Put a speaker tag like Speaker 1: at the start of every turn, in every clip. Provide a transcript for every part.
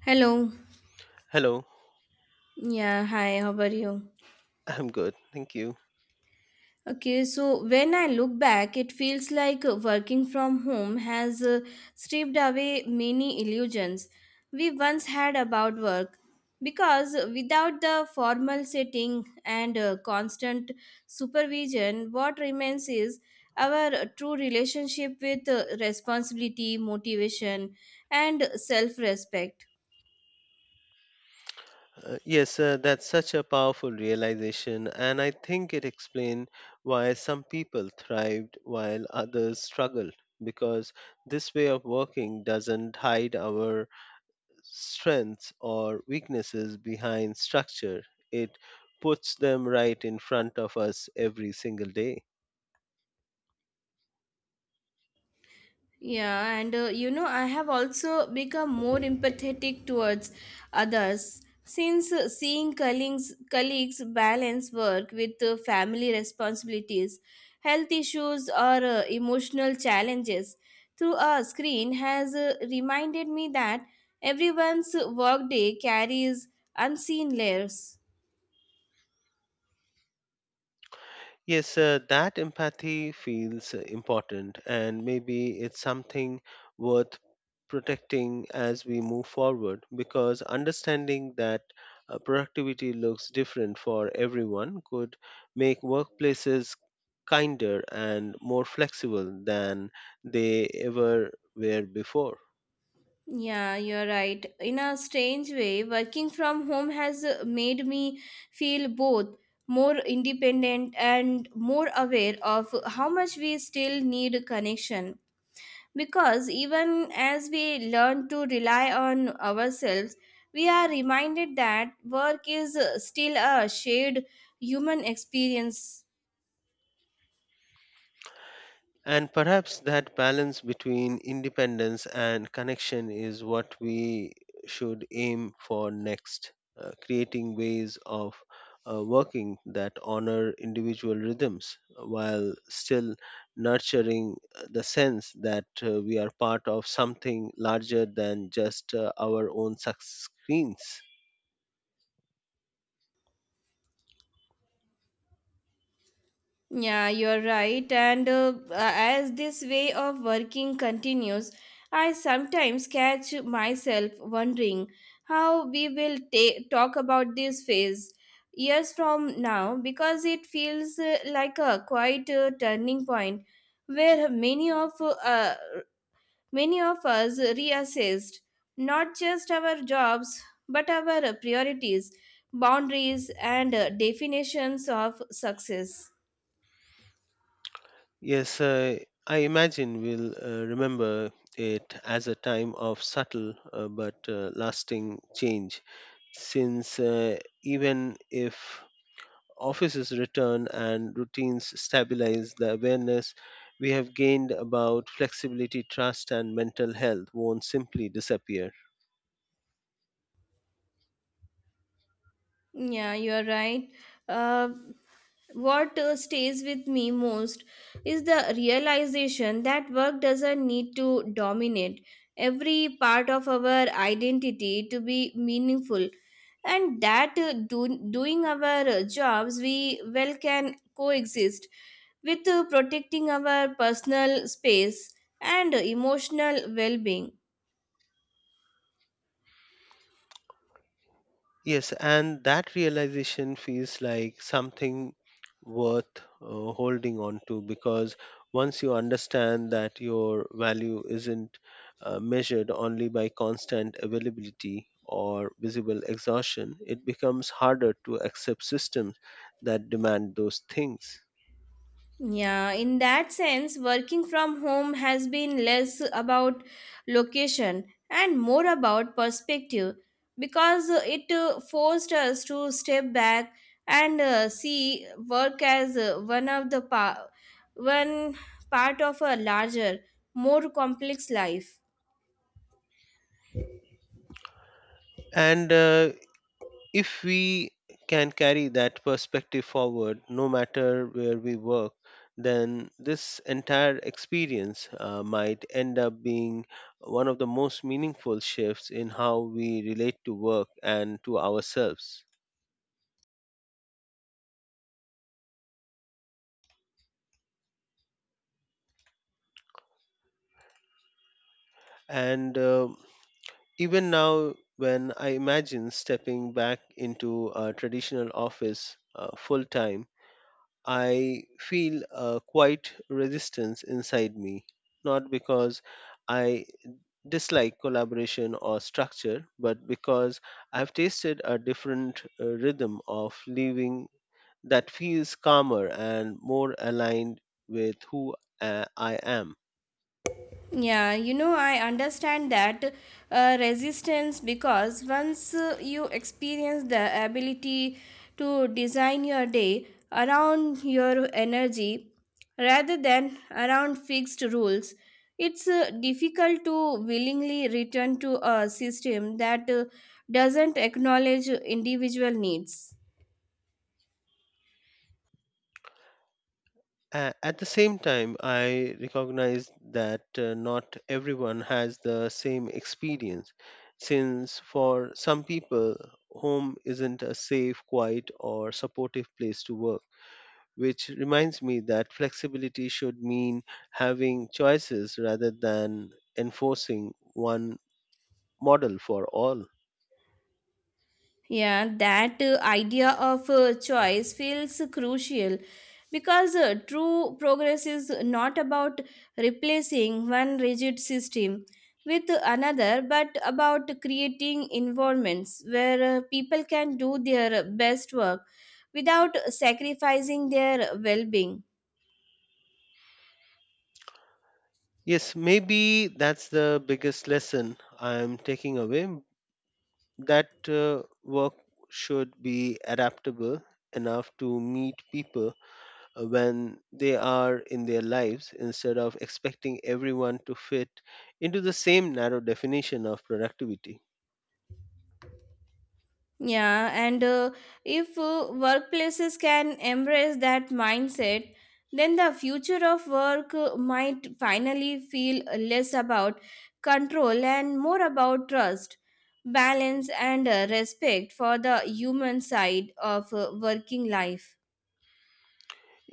Speaker 1: Hello.
Speaker 2: Hello,
Speaker 1: Yeah, hi, how are you?
Speaker 2: I'm good. Thank you.
Speaker 1: Okay, so when I look back, it feels like working from home has stripped away many illusions we once had about work. Because without the formal setting and constant supervision, what remains is our true relationship with responsibility, motivation, and self respect.
Speaker 2: Yes, that's such a powerful realization, and I think it explains why some people thrived while others struggled. Because this way of working doesn't hide our strengths or weaknesses behind structure, it puts them right in front of us every single day.
Speaker 1: Yeah, and I have also become more empathetic towards others since seeing colleagues balance work with family responsibilities, health issues, or emotional challenges through a screen has reminded me that everyone's workday carries unseen layers.
Speaker 2: Yes, that empathy feels important, and maybe it's something worth protecting as we move forward because understanding that productivity looks different for everyone could make workplaces kinder and more flexible than they ever were before.
Speaker 1: Yeah, you're right. In a strange way, working from home has made me feel both more independent and more aware of how much we still need connection. Because even as we learn to rely on ourselves, we are reminded that work is still a shared human experience.
Speaker 2: And perhaps that balance between independence and connection is what we should aim for next, creating ways of working that honor individual rhythms while still nurturing the sense that we are part of something larger than just our own screens.
Speaker 1: Yeah, you're right. And as this way of working continues, I sometimes catch myself wondering how we will talk about this phase years from now because it feels like a quite turning point where many of us reassessed not just our jobs but our priorities, boundaries, and definitions of success.
Speaker 2: Yes, I imagine we'll remember it as a time of subtle but lasting change, since even if offices return and routines stabilize, the awareness we have gained about flexibility, trust, and mental health won't simply disappear.
Speaker 1: Yeah, you are right. Uh, what stays with me most is the realization that work doesn't need to dominate every part of our identity to be meaningful, and that doing our jobs we well can coexist with protecting our personal space and emotional well being.
Speaker 2: Yes, and that realization feels like something worth holding on to because once you understand that your value isn't measured only by constant availability or visible exhaustion, it becomes harder to accept systems that demand those things.
Speaker 1: Yeah, in that sense, working from home has been less about location and more about perspective because it forced us to step back and see work as one part of a larger, more complex life.
Speaker 2: And if we can carry that perspective forward, no matter where we work, then this entire experience might end up being one of the most meaningful shifts in how we relate to work and to ourselves. And even now, when I imagine stepping back into a traditional office full time, I feel a quiet resistance inside me, not because I dislike collaboration or structure, but because I've tasted a different rhythm of living that feels calmer and more aligned with who I am.
Speaker 1: Yeah, you know, I understand that resistance because once you experience the ability to design your day around your energy rather than around fixed rules, it's difficult to willingly return to a system that doesn't acknowledge individual needs.
Speaker 2: At the same time, I recognize that not everyone has the same experience, since for some people, home isn't a safe, quiet, or supportive place to work, which reminds me that flexibility should mean having choices rather than enforcing one model for all.
Speaker 1: Yeah, that idea of choice feels crucial because true progress is not about replacing one rigid system with another, but about creating environments where people can do their best work without sacrificing their well being.
Speaker 2: Yes, maybe that's the biggest lesson I'm taking away, that work should be adaptable enough to meet people when they are in their lives instead of expecting everyone to fit into the same narrow definition of productivity.
Speaker 1: Yeah, and if workplaces can embrace that mindset, then the future of work might finally feel less about control and more about trust, balance, and respect for the human side of working life.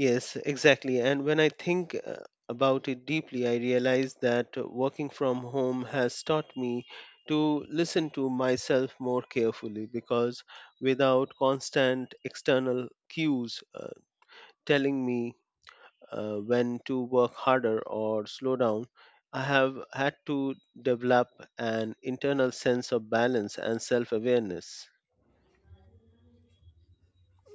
Speaker 2: Yes, exactly. And when I think about it deeply, I realize that working from home has taught me to listen to myself more carefully because without constant external cues telling me when to work harder or slow down, I have had to develop an internal sense of balance and self awareness.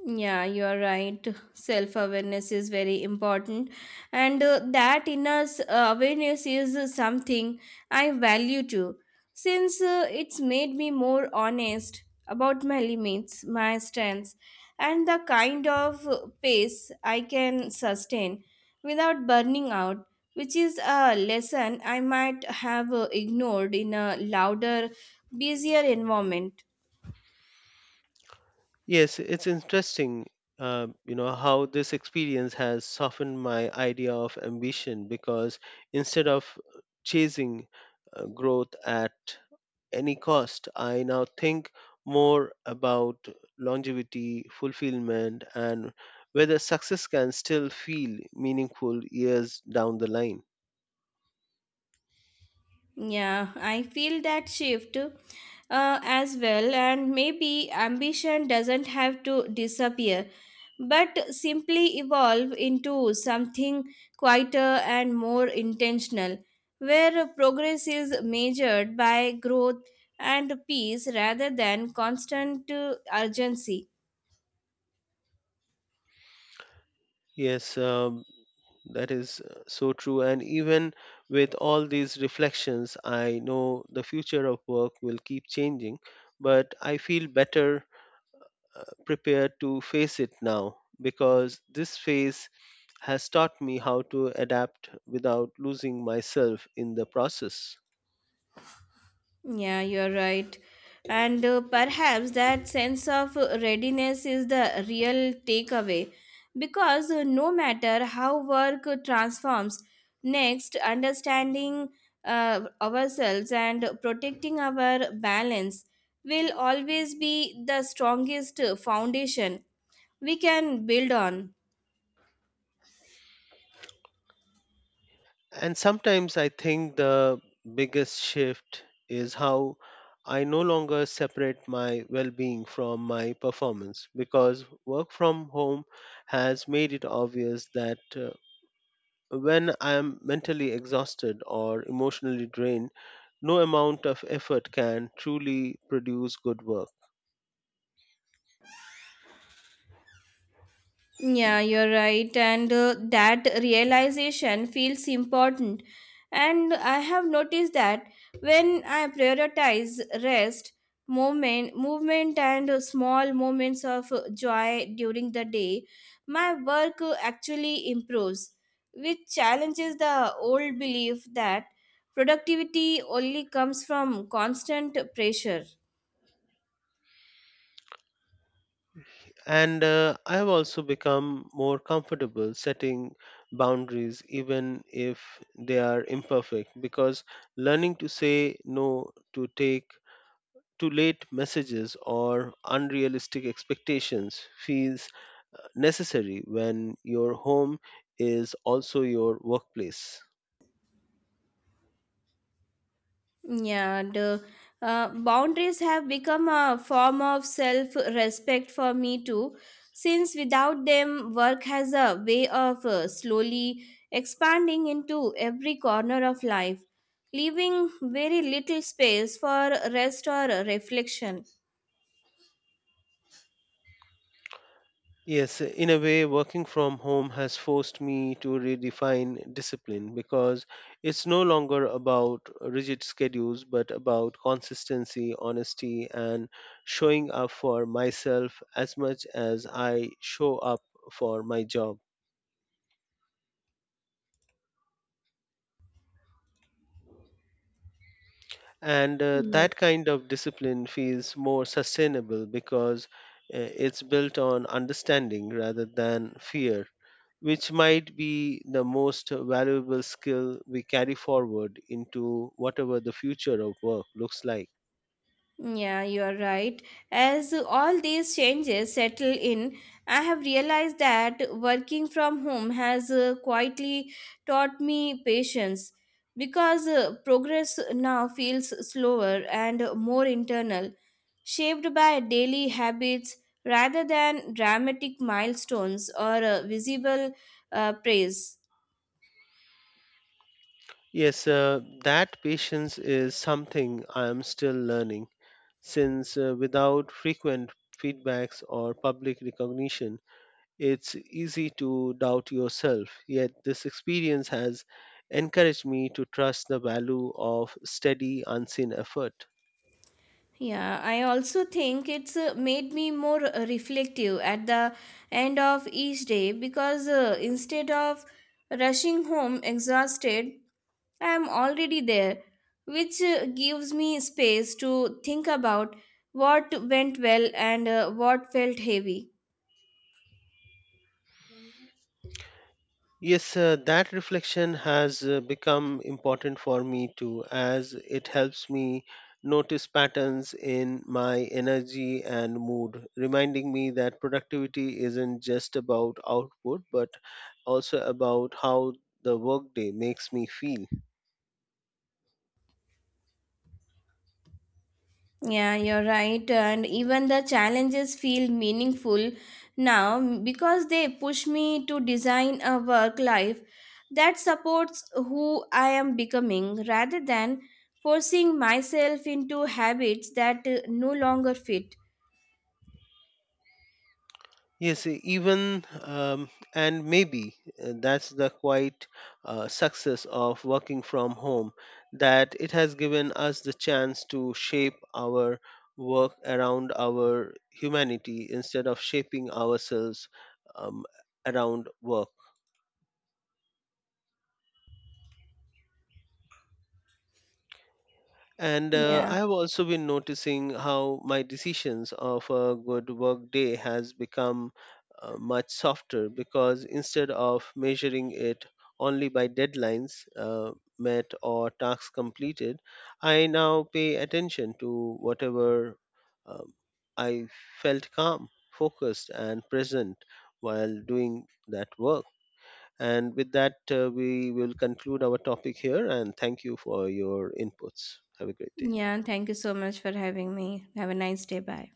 Speaker 1: Yeah, you are right. Self awareness is very important, and that inner awareness is something I value too, since it's made me more honest about my limits, my strengths, and the kind of pace I can sustain without burning out, which is a lesson I might have ignored in a louder, busier environment.
Speaker 2: Yes, it's interesting, how this experience has softened my idea of ambition because instead of chasing growth at any cost, I now think more about longevity, fulfillment, and whether success can still feel meaningful years down the line.
Speaker 1: Yeah, I feel that shift as well, and maybe ambition doesn't have to disappear, but simply evolve into something quieter and more intentional, where progress is measured by growth and peace rather than constant urgency.
Speaker 2: Yes, that is so true. And even with all these reflections, I know the future of work will keep changing, but I feel better prepared to face it now because this phase has taught me how to adapt without losing myself in the process.
Speaker 1: Yeah, you're right. And perhaps that sense of readiness is the real takeaway because no matter how work transforms, next, understanding ourselves and protecting our balance will always be the strongest foundation we can build on.
Speaker 2: And sometimes I think the biggest shift is how I no longer separate my well being from my performance because work from home has made it obvious that when I am mentally exhausted or emotionally drained, no amount of effort can truly produce good work.
Speaker 1: Yeah, you're right. And that realization feels important. And I have noticed that when I prioritize rest, movement, and small moments of joy during the day, my work actually improves, which challenges the old belief that productivity only comes from constant pressure.
Speaker 2: And I have also become more comfortable setting boundaries, even if they are imperfect, because learning to say no to take too late messages or unrealistic expectations feels necessary when your home is also your workplace.
Speaker 1: Yeah, the boundaries have become a form of self respect for me too, since without them, work has a way of slowly expanding into every corner of life, leaving very little space for rest or reflection.
Speaker 2: Yes, in a way, working from home has forced me to redefine discipline because it's no longer about rigid schedules, but about consistency, honesty, and showing up for myself as much as I show up for my job. And
Speaker 1: Yes.
Speaker 2: that kind of discipline feels more sustainable because it's built on understanding rather than fear, which might be the most valuable skill we carry forward into whatever the future of work looks like.
Speaker 1: Yeah, you are right. As all these changes settle in, I have realized that working from home has quietly taught me patience because progress now feels slower and more internal, shaped by daily habits rather than dramatic milestones or visible praise.
Speaker 2: Yes, that patience is something I am still learning, since without frequent feedbacks or public recognition, it's easy to doubt yourself, yet this experience has encouraged me to trust the value of steady, unseen effort.
Speaker 1: Yeah, I also think it's made me more reflective at the end of each day because instead of rushing home exhausted, I am already there, which gives me space to think about what went well and what felt heavy.
Speaker 2: Yes, that reflection has become important for me too, as it helps me notice patterns in my energy and mood, reminding me that productivity isn't just about output but also about how the workday makes me feel.
Speaker 1: Yeah, you're right. And even the challenges feel meaningful now because they push me to design a work life that supports who I am becoming rather than forcing myself into habits that no longer fit.
Speaker 2: Yes, e- even and maybe that's the quite success of working from home, that it has given us the chance to shape our work around our humanity instead of shaping ourselves um, around work. And
Speaker 1: Yeah.
Speaker 2: I have also been noticing how my decisions of a good work day has become much softer because instead of measuring it only by deadlines met or tasks completed, I now pay attention to whatever um, I felt calm, focused, and present while doing that work. And with that, we will conclude our topic here. And thank you for your inputs. Have a great day.
Speaker 1: Yeah. Thank you so much for having me. Have a nice day. Bye.